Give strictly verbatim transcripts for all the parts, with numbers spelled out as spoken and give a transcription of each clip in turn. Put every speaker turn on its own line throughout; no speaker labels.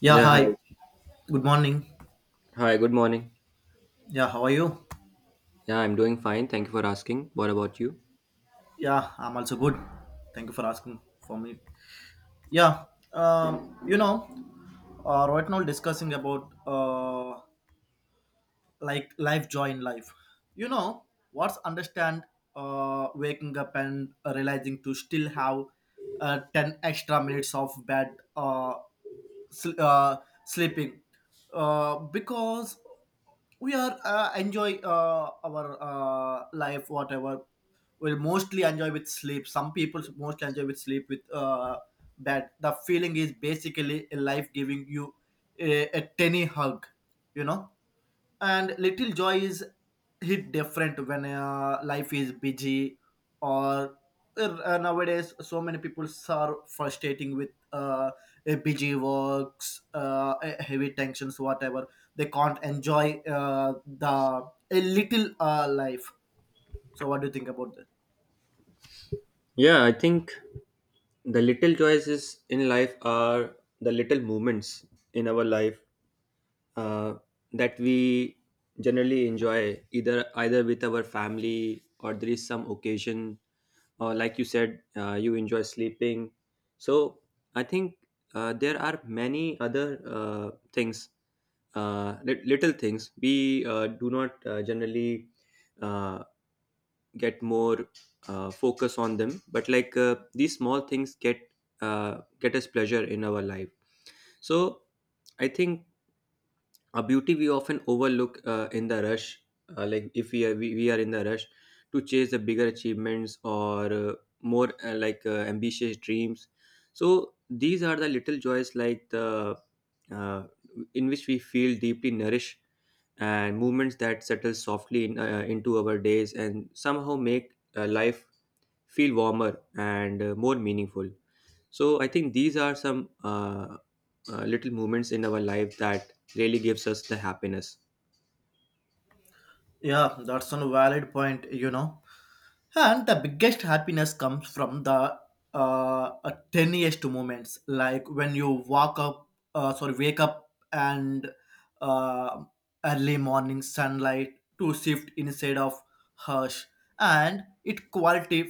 Yeah,
Yeah,
hi.
hi.
Good morning.
Hi, good morning.
Yeah, how are you?
Yeah, I'm doing fine. Thank you for asking. What about you?
Yeah, I'm also good. Thank you for asking for me. Yeah, um, you know, uh, right now discussing about uh, like life joy in life you know what's understand. Uh, waking up and uh, realizing to still have uh, ten extra minutes of bed, uh, sl- uh, sleeping, uh, because we are uh, enjoy uh, our uh, life. Whatever we'll mostly enjoy with sleep, some people mostly enjoy with sleep with uh, bed. The feeling is basically a life giving you a, a tiny hug, you know, and little joy is hit different when uh, life is busy. Or uh, nowadays so many people are frustrating with uh, a busy works, uh, a- heavy tensions, whatever. They can't enjoy uh, the a little uh, life. So what do you think about that?
Yeah, I think the little choices in life are the little moments in our life uh, that we generally enjoy either either with our family or there is some occasion or like you said uh, you enjoy sleeping. So I think uh, there are many other uh, things, uh, lit- little things we uh, do not uh, generally uh, get more uh, focus on them, but like uh, these small things get uh, get us pleasure in our life. So I think a beauty we often overlook uh, in the rush, uh, like if we are we, we are in the rush to chase the bigger achievements or uh, more uh, like uh, ambitious dreams. So these are the little joys, like the uh, in which we feel deeply nourished, and movements that settle softly in, uh, into our days and somehow make uh, life feel warmer and uh, more meaningful. So I think these are some uh, uh, little moments in our life that really gives us the happiness.
Yeah, that's a valid point, you know. And the biggest happiness comes from the uh, uh, tiniest moments, like when you walk up, uh, sorry, wake up, and uh, early morning sunlight to shift inside of hush, and it quality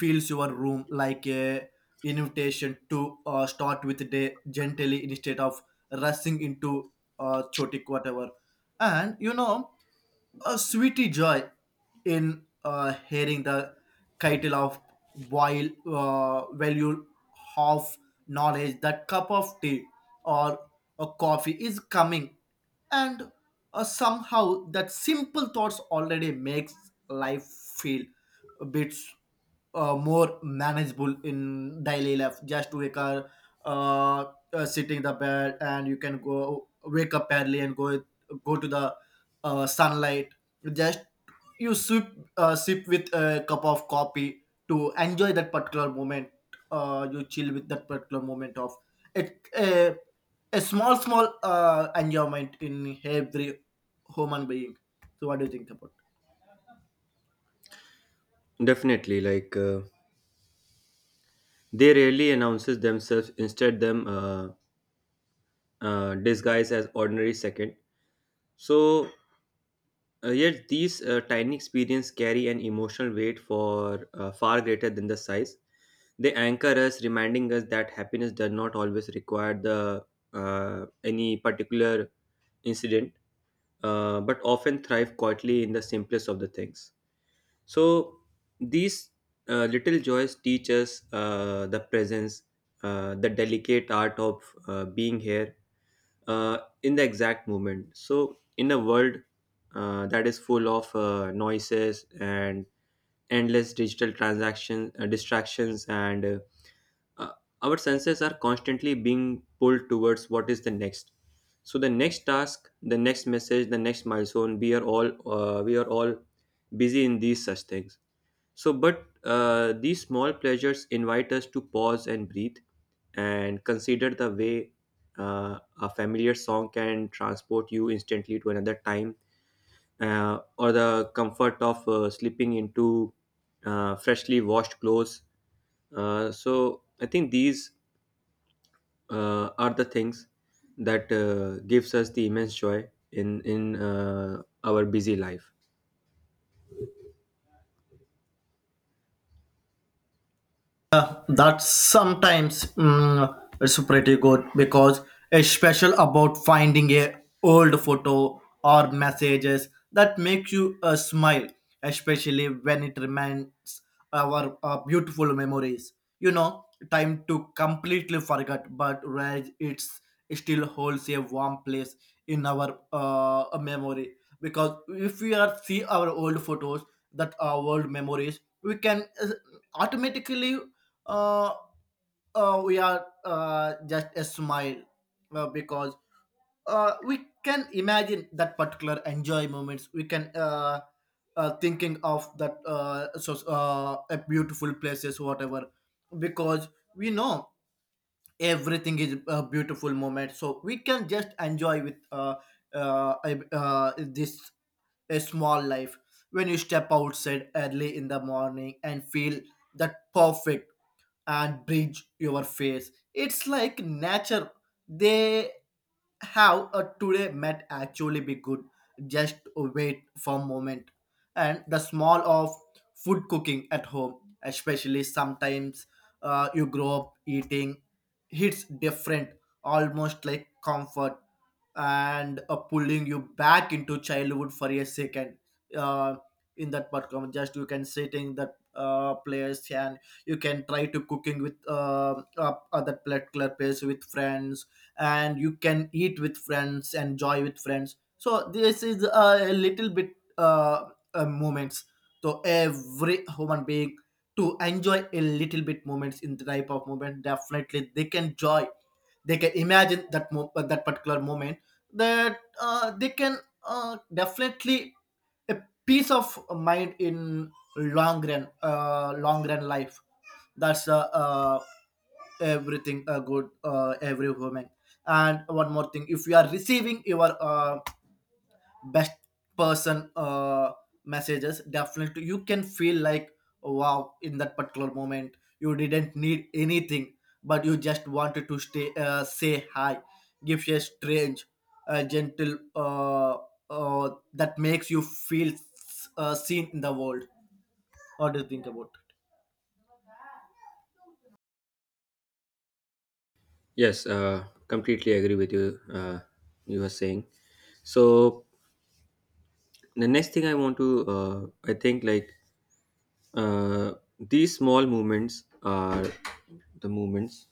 fills your room like a invitation to uh, start with the day gently instead of rushing into uh, chaotic whatever. And you know, a sweetie joy in uh, hearing the title of while uh, value of knowledge that cup of tea or a coffee is coming. And uh, somehow that simple thoughts already makes life feel a bit uh, more manageable in daily life, just to wake up, uh, uh, sitting in the bed, and you can go wake up early and go go to the uh, sunlight. Just you sip, uh, sip with a cup of coffee to enjoy that particular moment. Uh, you chill with that particular moment of it, a, a small small uh, enjoyment in every human being. So what do you think about?
Definitely, like uh, they rarely announces themselves. Instead, them uh, uh, disguise as ordinary second. So uh, yet these uh, tiny experience carry an emotional weight for uh, far greater than the size. They anchor us, reminding us that happiness does not always require the uh, any particular incident, uh, but often thrive quietly in the simplest of the things. So these uh, little joys teach us uh, the presence, uh, the delicate art of uh, being here uh, in the exact moment. So in a world uh, that is full of uh, noises and endless digital transactions, uh, distractions, and uh, uh, our senses are constantly being pulled towards what is the next. So the next task, the next message, the next milestone, we are all uh, we are all busy in these such things. So but uh, these small pleasures invite us to pause and breathe and consider the way uh, a familiar song can transport you instantly to another time, uh, or the comfort of uh, slipping into uh, freshly washed clothes. Uh, so I think these uh, are the things that uh, gives us the immense joy in in uh, our busy life.
Uh, that's sometimes mm, it's pretty good because it's special about finding a old photo or messages that make you uh, smile, especially when it reminds our uh, beautiful memories, you know, time to completely forget, but where it's it still holds a warm place in our uh, memory. Because if we are see our old photos, that our old memories, we can uh, automatically uh, uh, we are uh, just a smile, uh, because uh, we can imagine that particular enjoy moments. We can uh, uh, thinking of that, uh, so uh, a beautiful places, whatever, because we know everything is a beautiful moment, so we can just enjoy with uh, uh, uh, this a small life. When you step outside early in the morning and feel that perfect and bridge your face, it's like nature they have a today might actually be good, just wait for a moment. And the small of food cooking at home, especially sometimes uh, you grow up eating, hits different, almost like comfort, and uh, pulling you back into childhood for a second. Uh, in that particular, just you can sit in that uh, place, and you can try to cooking with uh, uh, other particular place with friends, and you can eat with friends, enjoy with friends. So this is a, a little bit uh, uh, moments. So every human being to enjoy a little bit moments in the type of moment, definitely they can joy. They can imagine that mo- uh, that particular moment, that uh, they can uh, definitely a peace of mind in long run, uh, long run life. That's uh, uh, everything uh, good uh, every woman. And one more thing, if you are receiving your uh, best person uh, messages, definitely you can feel like wow. In that particular moment you didn't need anything, but you just wanted to stay, uh, say hi, give a strange uh, gentle uh, uh, that makes you feel uh, seen in the world. What do you think about?
Yes, uh, completely agree with you. Uh, you were saying. So the next thing I want to, uh, I think like uh, these small movements are the movements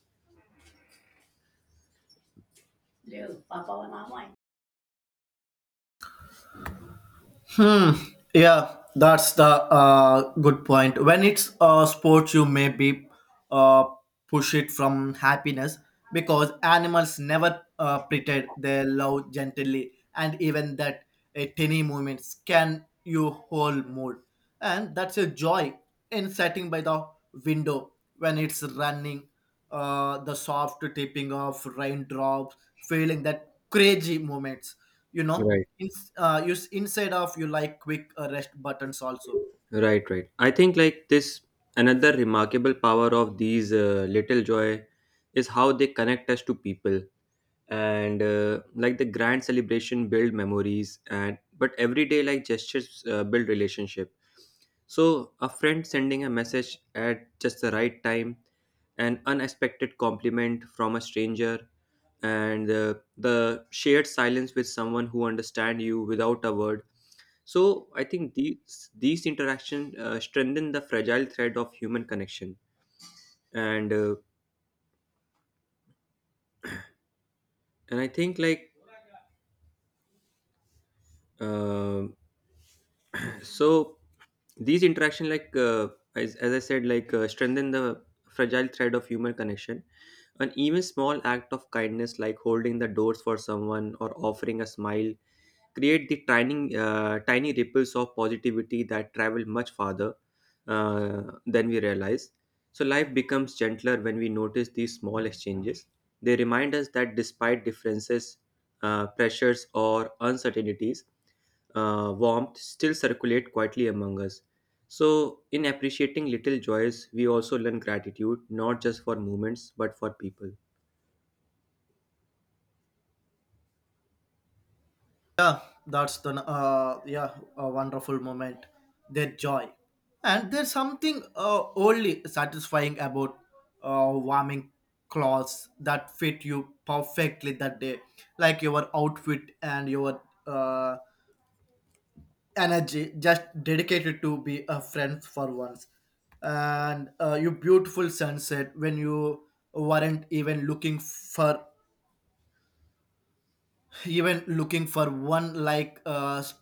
Hmm. Yeah, that's the uh, good point. When it's a sport, you may be uh, push it from happiness, because animals never uh, pretend they love gently, and even that a tiny movements can you whole mood, and that's a joy in sitting by the window when it's running, uh, the soft tipping of raindrops, feeling that crazy moments, you know.
right.
In, uh, you, inside of you, like quick uh, rest buttons also.
Right, right. I think like this another remarkable power of these uh, little joy is how they connect us to people. And uh, like the grand celebration build memories, and but everyday like gestures uh, build relationship. So a friend sending a message at just the right time, an unexpected compliment from a stranger, and uh, the shared silence with someone who understand you without a word. So I think these these interactions uh, strengthen the fragile thread of human connection, and uh, and I think like uh, so these interaction, like uh, as, as I said, like uh, strengthen the fragile thread of human connection. An even small act of kindness like holding the doors for someone or offering a smile create the tiny uh, tiny ripples of positivity that travel much farther uh, than we realize. So life becomes gentler when we notice these small exchanges. They remind us that despite differences, uh, pressures, or uncertainties, uh, warmth still circulate quietly among us. So, in appreciating little joys, we also learn gratitude not just for moments but for people.
Yeah, that's the uh, yeah a wonderful moment. Their joy, and there's something uh, only satisfying about uh, warming clothes that fit you perfectly that day, like your outfit and your uh, energy just dedicated to be a friend for once, and uh, your beautiful sunset when you weren't even looking for even looking for one, like uh, s-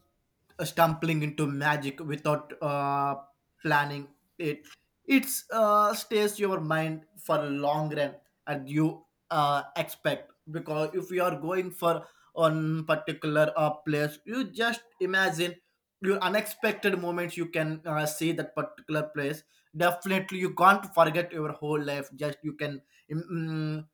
stumbling into magic without uh, planning it. It's uh, stays your mind for a long run, and you uh, expect, because if you are going for on particular uh, place, you just imagine your unexpected moments, you can uh, see that particular place. Definitely you can't forget your whole life, just you can mm, mm,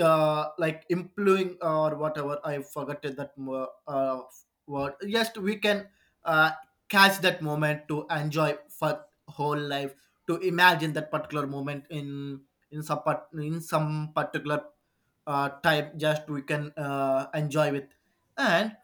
uh, like improving or whatever, I forgot that mo- uh, word. Yes, we can uh, catch that moment to enjoy for whole life, to imagine that particular moment in in some part, in some particular uh, time. Just we can uh, enjoy with. And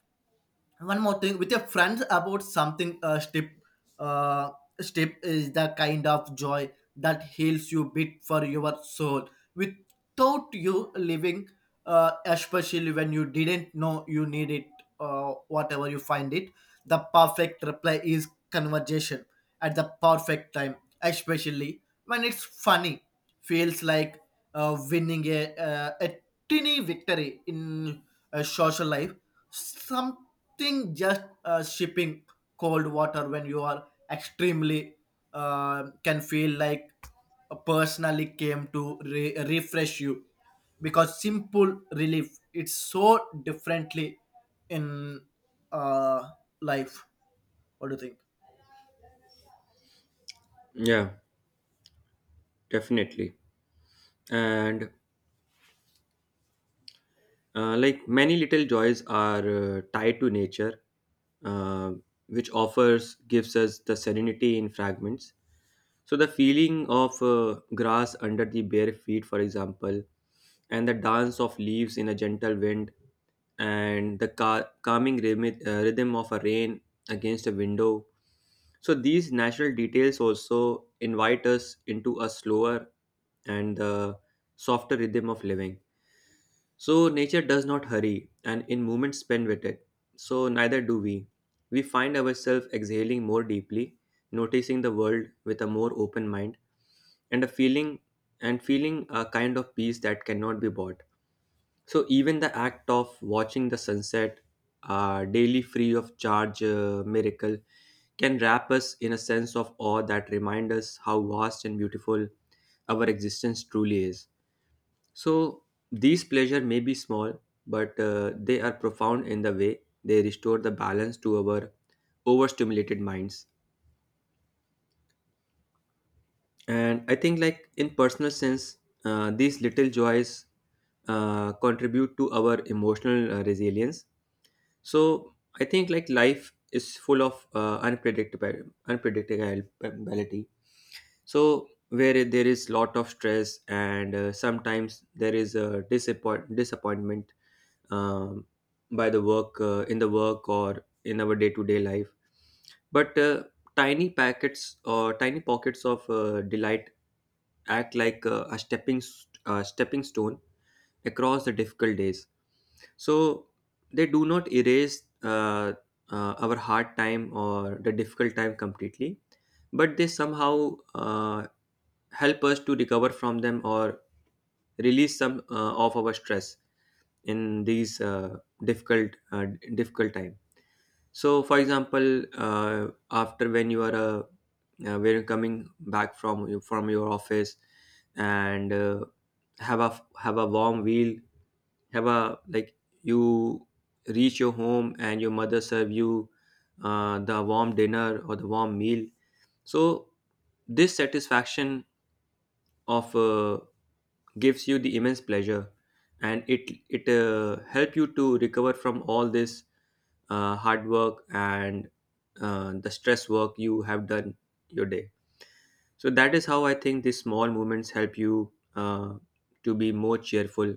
one more thing with your friends about something uh step uh step is the kind of joy that heals you bit for your soul without you living, uh especially when you didn't know you need it, uh whatever you find it. The perfect reply is conversation at the perfect time, especially when it's funny, feels like uh, winning a, uh, a tiny victory in a social life. Something just uh, shipping cold water when you are extremely uh, can feel like personally came to re- refresh you, because simple relief it's so differently in uh, life. What do you think?
Yeah, definitely. And uh, like many little joys are uh, tied to nature, uh, which offers gives us the serenity in fragments. So the feeling of uh, grass under the bare feet, for example, and the dance of leaves in a gentle wind, and the ca- calming rhythm, uh, rhythm of a rain against a window. So these natural details also invite us into a slower and uh, softer rhythm of living. So nature does not hurry, and in moments spent with it. So neither do we. We find ourselves exhaling more deeply, noticing the world with a more open mind, and a feeling and feeling a kind of peace that cannot be bought. So even the act of watching the sunset, uh, daily free of charge uh, miracle, can wrap us in a sense of awe that reminds us how vast and beautiful our existence truly is. So these pleasure may be small, but uh, they are profound in the way they restore the balance to our overstimulated minds. And I think, like in personal sense, uh, these little joys uh, contribute to our emotional uh, resilience. So I think, like life is full of uh, unpredictable unpredictability. So where there is lot of stress and uh, sometimes there is a disappoint disappointment, um, by the work, uh, in the work or in our day-to-day life, but uh, tiny packets or tiny pockets of uh, delight act like uh, a stepping st- uh, stepping stone across the difficult days. So they do not erase uh, uh, our hard time or the difficult time completely, but they somehow uh, help us to recover from them or release some uh, of our stress in these uh, difficult uh, difficult time. So for example, uh, after when you are uh, uh, when you're coming back from from your office and uh, have a have a warm meal, have a like you reach your home and your mother serve you uh, the warm dinner or the warm meal. So this satisfaction of, uh, gives you the immense pleasure, and it it uh, help you to recover from all this uh, hard work and uh, the stress work you have done your day. So that is how I think these small movements help you uh, to be more cheerful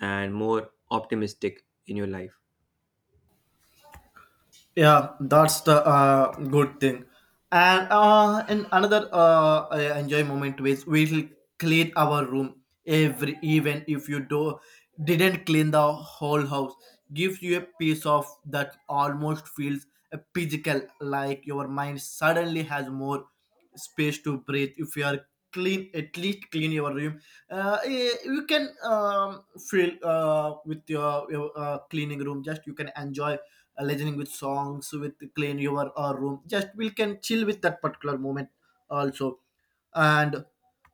and more optimistic in your life.
Yeah, that's the uh, good thing. And uh, and another uh, I enjoy moment is we'll clean our room, every even if you do didn't clean the whole house, gives you a piece of that almost feels a physical, like your mind suddenly has more space to breathe. If you are clean, at least clean your room. Uh, eh, you can um, feel uh, with your, your uh, cleaning room. Just you can enjoy uh, listening with songs with clean your uh, room. Just we can chill with that particular moment also. And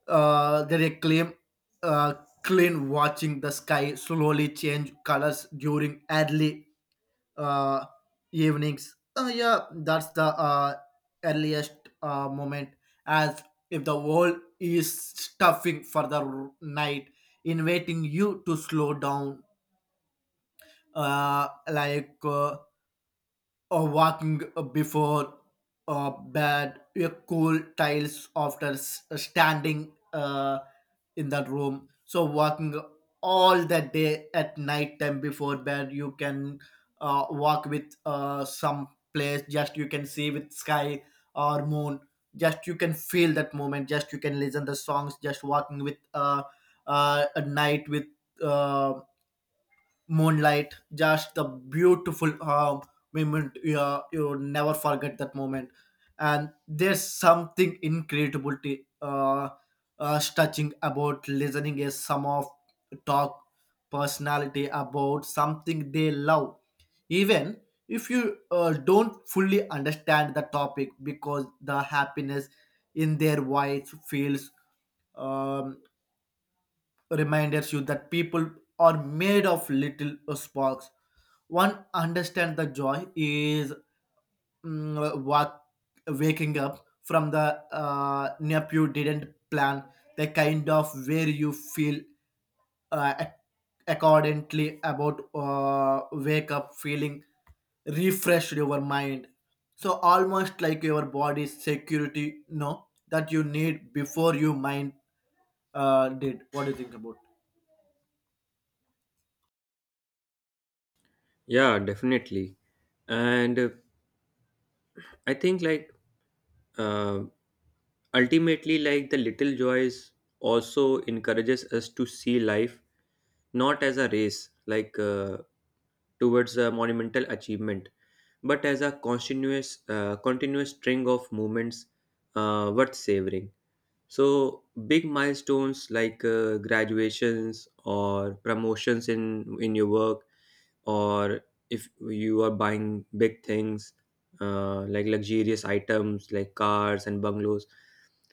uh, there a claim uh, clean watching the sky slowly change colors during early uh, evenings. Uh, yeah, that's the uh, earliest uh, moment, as if the world is stuffing for the r- night, inviting you to slow down, uh, like uh, or walking before uh, bed, a cool tiles after s- uh, standing uh, in that room. So walking all the day at night time before bed, you can uh, walk with uh, some place. Just you can see with sky or moon. Just you can feel that moment. Just you can listen the songs. Just walking with uh, uh, at night with. Uh, Moonlight, just the beautiful um, moment. Yeah, you never forget that moment. And there's something incredible to, uh, uh, touching about listening is some of talk personality about something they love, even if you uh, don't fully understand the topic, because the happiness in their voice feels um, reminders you that people are made of little sparks. One understand the joy is mm, wa- waking up from the uh, nap you didn't plan, the kind of where you feel uh, ac- accordingly about uh, wake up feeling refreshed your mind. So almost like your body's security, no, that you need before you mind uh, did. What do you think about?
Yeah, definitely. And uh, I think like uh, ultimately, like the little joys also encourages us to see life not as a race, like uh, towards a monumental achievement, but as a continuous, uh, continuous string of movements uh, worth savoring. So big milestones like uh, graduations or promotions in in your work, or if you are buying big things, uh, like luxurious items like cars and bungalows.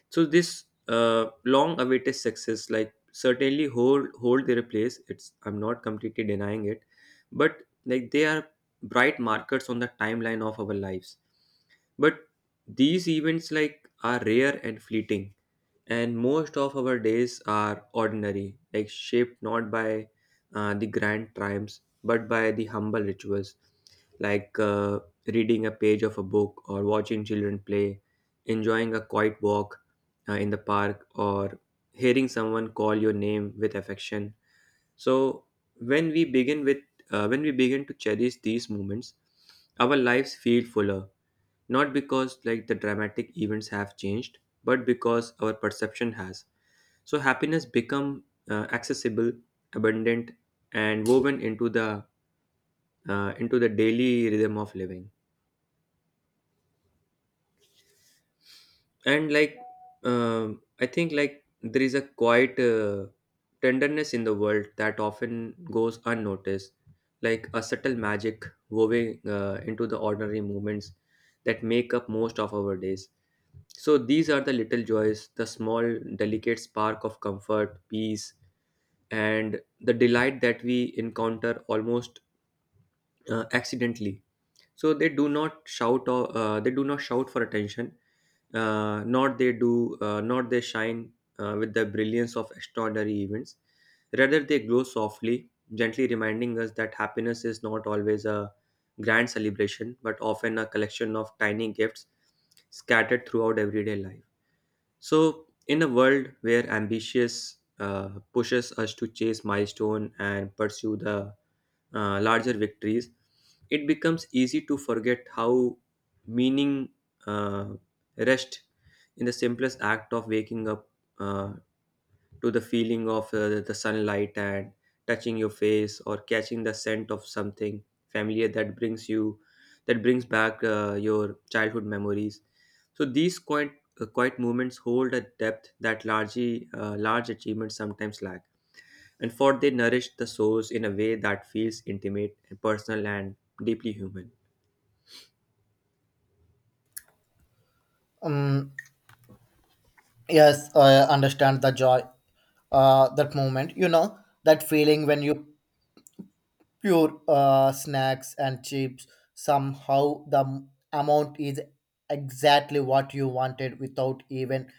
So this uh, long-awaited success, like certainly hold hold their place. It's, I'm not completely denying it, but like they are bright markers on the timeline of our lives, but these events like are rare and fleeting, and most of our days are ordinary, like shaped not by uh, the grand triumphs but by the humble rituals, like uh, reading a page of a book, or watching children play, enjoying a quiet walk uh, in the park, or hearing someone call your name with affection. So when we begin with uh, when we begin to cherish these moments, our lives feel fuller, not because like the dramatic events have changed, but because our perception has. So happiness become uh, accessible, abundant, and woven into the uh, into the daily rhythm of living. And like, um, I think like there is a quiet uh, tenderness in the world that often goes unnoticed, like a subtle magic woven uh, into the ordinary moments that make up most of our days. So these are the little joys, the small, delicate spark of comfort, peace, and the delight that we encounter almost uh, accidentally. So they do not shout or uh, they do not shout for attention. Uh, not they do, uh, not they shine uh, with the brilliance of extraordinary events. Rather, they glow softly, gently reminding us that happiness is not always a grand celebration, but often a collection of tiny gifts scattered throughout everyday life. So, in a world where ambitious uh, pushes us to chase milestone and pursue the uh, larger victories, it becomes easy to forget how meaning uh, rest in the simplest act of waking up, uh, to the feeling of uh, the sunlight and touching your face, or catching the scent of something familiar that brings you that brings back uh, your childhood memories. So these quiet uh, quiet moments hold a depth that largely uh, large achievements sometimes lack, and for they nourish the souls in a way that feels intimate and personal and deeply human.
Um, Yes, I understand the joy, uh, that moment. You know that feeling when you pure uh, snacks and chips. Somehow the m- amount is exactly what you wanted without even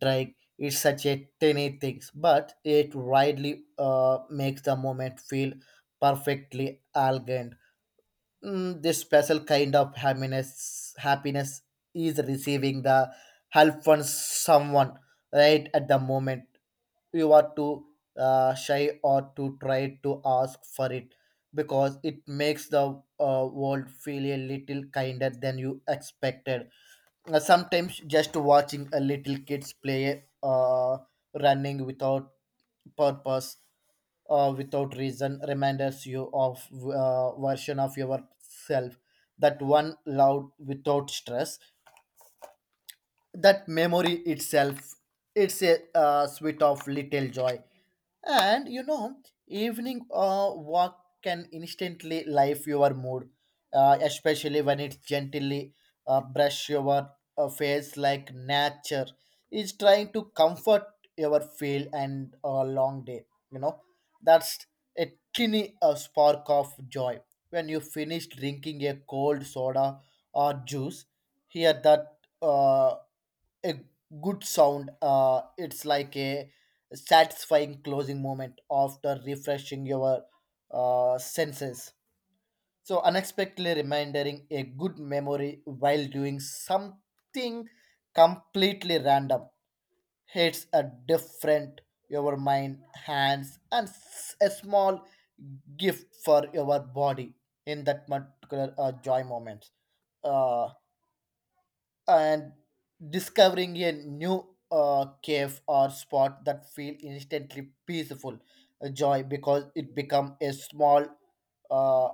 trying. It's such a tiny thing, but it widely uh, makes the moment feel perfectly elegant. Mm, this special kind of happiness happiness is receiving the help from someone right at the moment you are too uh, shy or to try to ask for it, because it makes the uh, world feel a little kinder than you expected. Uh, sometimes just watching a little kids play, uh, running without purpose, uh, without reason, reminds you of uh, version of yourself that one loved without stress. That memory itself, it's a uh, sweet of little joy. And you know, evening uh, walk can instantly life your mood, uh, especially when it gently uh, brush your uh, face, like nature is trying to comfort your feel and a long day, you know. That's a tiny uh, spark of joy, when you finish drinking a cold soda or juice, hear that uh, a good sound. Uh, it's like a satisfying closing moment after refreshing your uh, senses. So unexpectedly reminding a good memory while doing something completely random hits a different your mind, hands, and s- a small gift for your body in that particular uh, joy moment. Uh, and discovering a new uh, cave or spot that feel instantly peaceful uh, joy, because it become a small uh,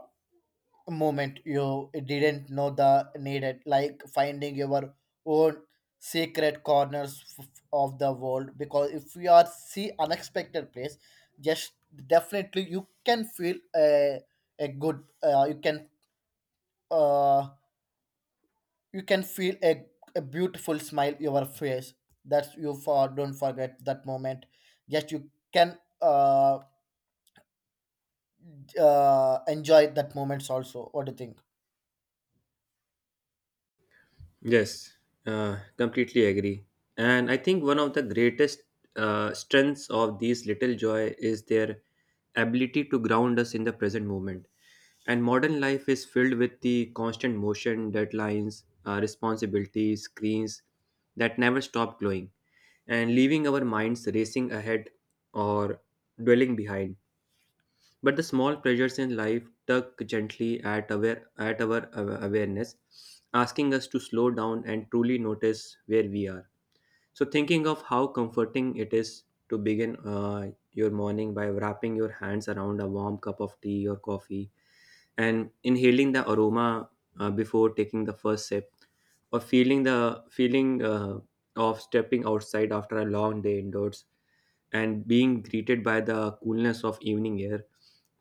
moment you didn't know the needed, like finding your own secret corners f- of the world. Because if you are see unexpected place, just definitely you can feel a, a good, uh, you can uh, you can feel a, a beautiful smile your face. That's you for don't forget that moment, just you can uh, uh enjoy that moments also. What do you think?
Yes, uh, completely agree. And I think one of the greatest uh, strengths of these little joy is their ability to ground us in the present moment. And modern life is filled with the constant motion, deadlines, uh, responsibilities, screens that never stop glowing, and leaving our minds racing ahead or dwelling behind. But the small pressures in life tug gently at, aware, at our awa- awareness, asking us to slow down and truly notice where we are. So, thinking of how comforting it is to begin uh, your morning by wrapping your hands around a warm cup of tea or coffee and inhaling the aroma uh, before taking the first sip, or feeling the feeling uh, of stepping outside after a long day indoors and being greeted by the coolness of evening air.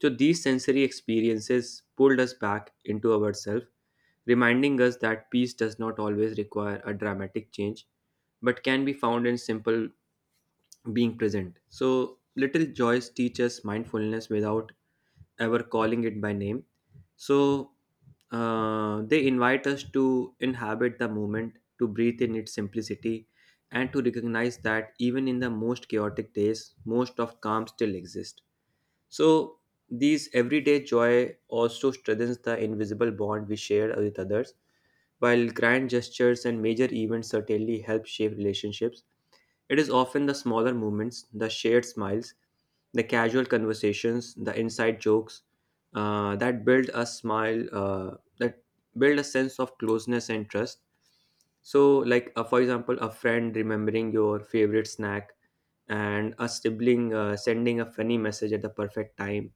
So these sensory experiences pulled us back into ourselves, reminding us that peace does not always require a dramatic change but can be found in simple being present. So little joys teach us mindfulness without ever calling it by name. So uh, they invite us to inhabit the moment, to breathe in its simplicity, and to recognize that even in the most chaotic days, most of calm still exists. So these everyday joy also strengthens the invisible bond we share with others. While grand gestures and major events certainly help shape relationships, it is often the smaller moments, the shared smiles, the casual conversations, the inside jokes uh, that build a smile, uh, that build a sense of closeness and trust. So, like uh, for example, a friend remembering your favorite snack, and a sibling uh, sending a funny message at the perfect time,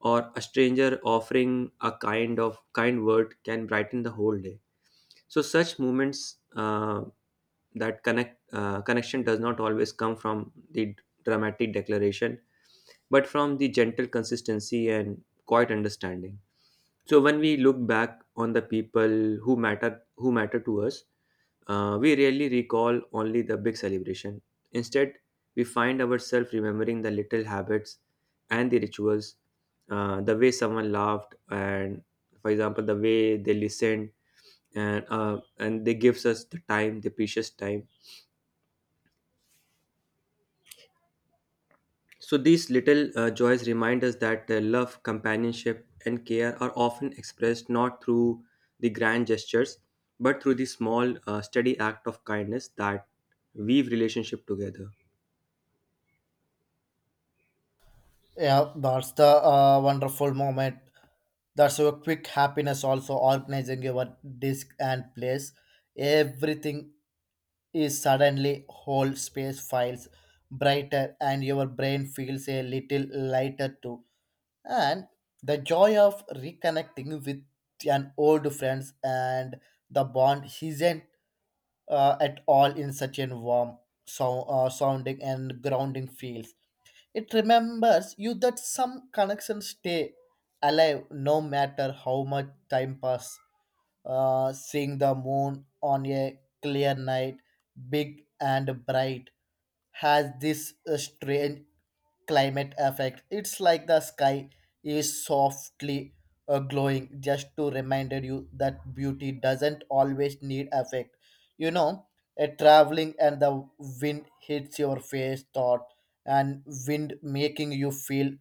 or a stranger offering a kind of kind word can brighten the whole day. So such movements uh, that connect uh, connection does not always come from the dramatic declaration, but from the gentle consistency and quiet understanding. So when we look back on the people who matter who matter to us, uh, we rarely recall only the big celebration. Instead, we find ourselves remembering the little habits and the rituals, uh, the way someone laughed, and for example, the way they listened, and uh, and they gives us the time the precious time. So these little uh, joys remind us that uh, love, companionship and care are often expressed not through the grand gestures but through the small uh, steady act of kindness that weave relationship together.
Yeah, that's the uh, wonderful moment. That's your quick happiness also, organizing your disk and place everything is suddenly whole space files brighter and your brain feels a little lighter too. And the joy of reconnecting with an old friends, and the bond isn't uh, at all, in such a warm, so, uh, sounding and grounding feels, it remembers you that some connections stay alive no matter how much time pass. Uh, seeing the moon on a clear night, big and bright, has this uh, strange climate effect. It's like the sky is softly uh, glowing, just to remind you that beauty doesn't always need effect. You know, a traveling and the wind hits your face, thought, and wind making you feel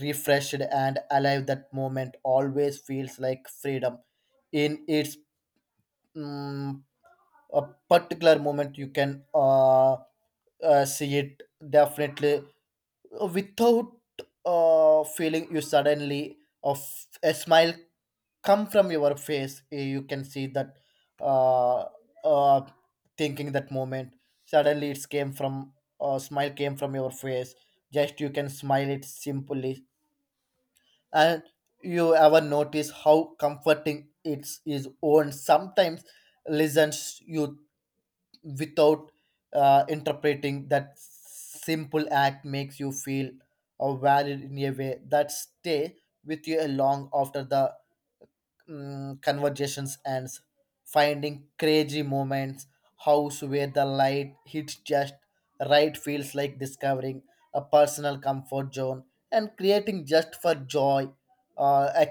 refreshed and alive. That moment always feels like freedom in its mm a particular moment. You can uh, uh, see it definitely without uh, feeling. You suddenly of a smile come from your face, eh, you can see that uh, uh, thinking that moment, suddenly it's came from uh, smile came from your face. Just you can smile it simply. And you ever notice how comforting it is own sometimes listens you without uh, interpreting, that simple act makes you feel uh, valid in a way that stay with you a long after the mm, conversations and s- finding crazy moments house where the light hits just right, feels like discovering a personal comfort zone and creating just for joy, uh, a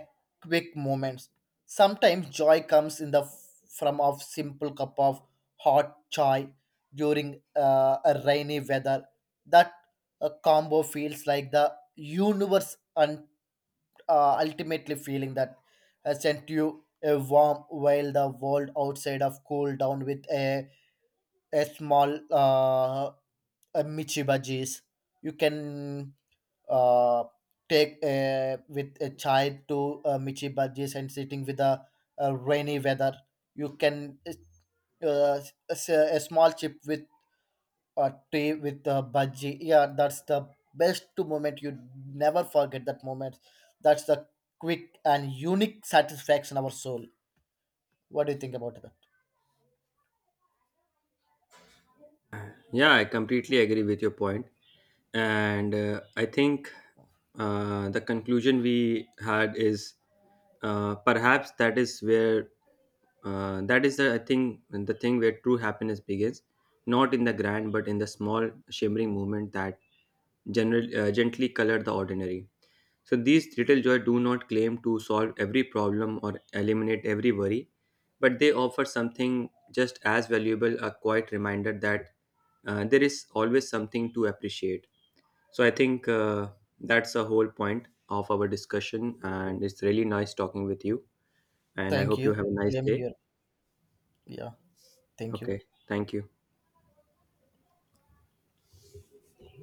quick moments. Sometimes joy comes in the f- from of simple cup of hot chai during uh, a rainy weather, that a combo feels like the universe uh, ultimately feeling that has sent you a warm while the world outside of cool down with a, a small uh, a michi bhajis. You can uh, take a, with a chai to uh, michi bhajis, and sitting with a, a rainy weather. You can uh, s- a, s- a small chip with a tea with a budgie. Yeah, that's the best moment. You never forget that moment. That's the quick and unique satisfaction of our soul. What do you think about that?
Yeah, I completely agree with your point. And uh, I think uh, the conclusion we had is uh, perhaps that is where uh, that is the, I think, the thing where true happiness begins, not in the grand but in the small shimmering moment that general, uh, gently color the ordinary. So these little joy do not claim to solve every problem or eliminate every worry, but they offer something just as valuable, a quiet reminder that uh, there is always something to appreciate. So I think uh, that's the whole point of our discussion, and it's really nice talking with you. And I
Thank
hope you
you.
have a nice
Same
day.
here. Yeah, thank you.
Okay, thank you.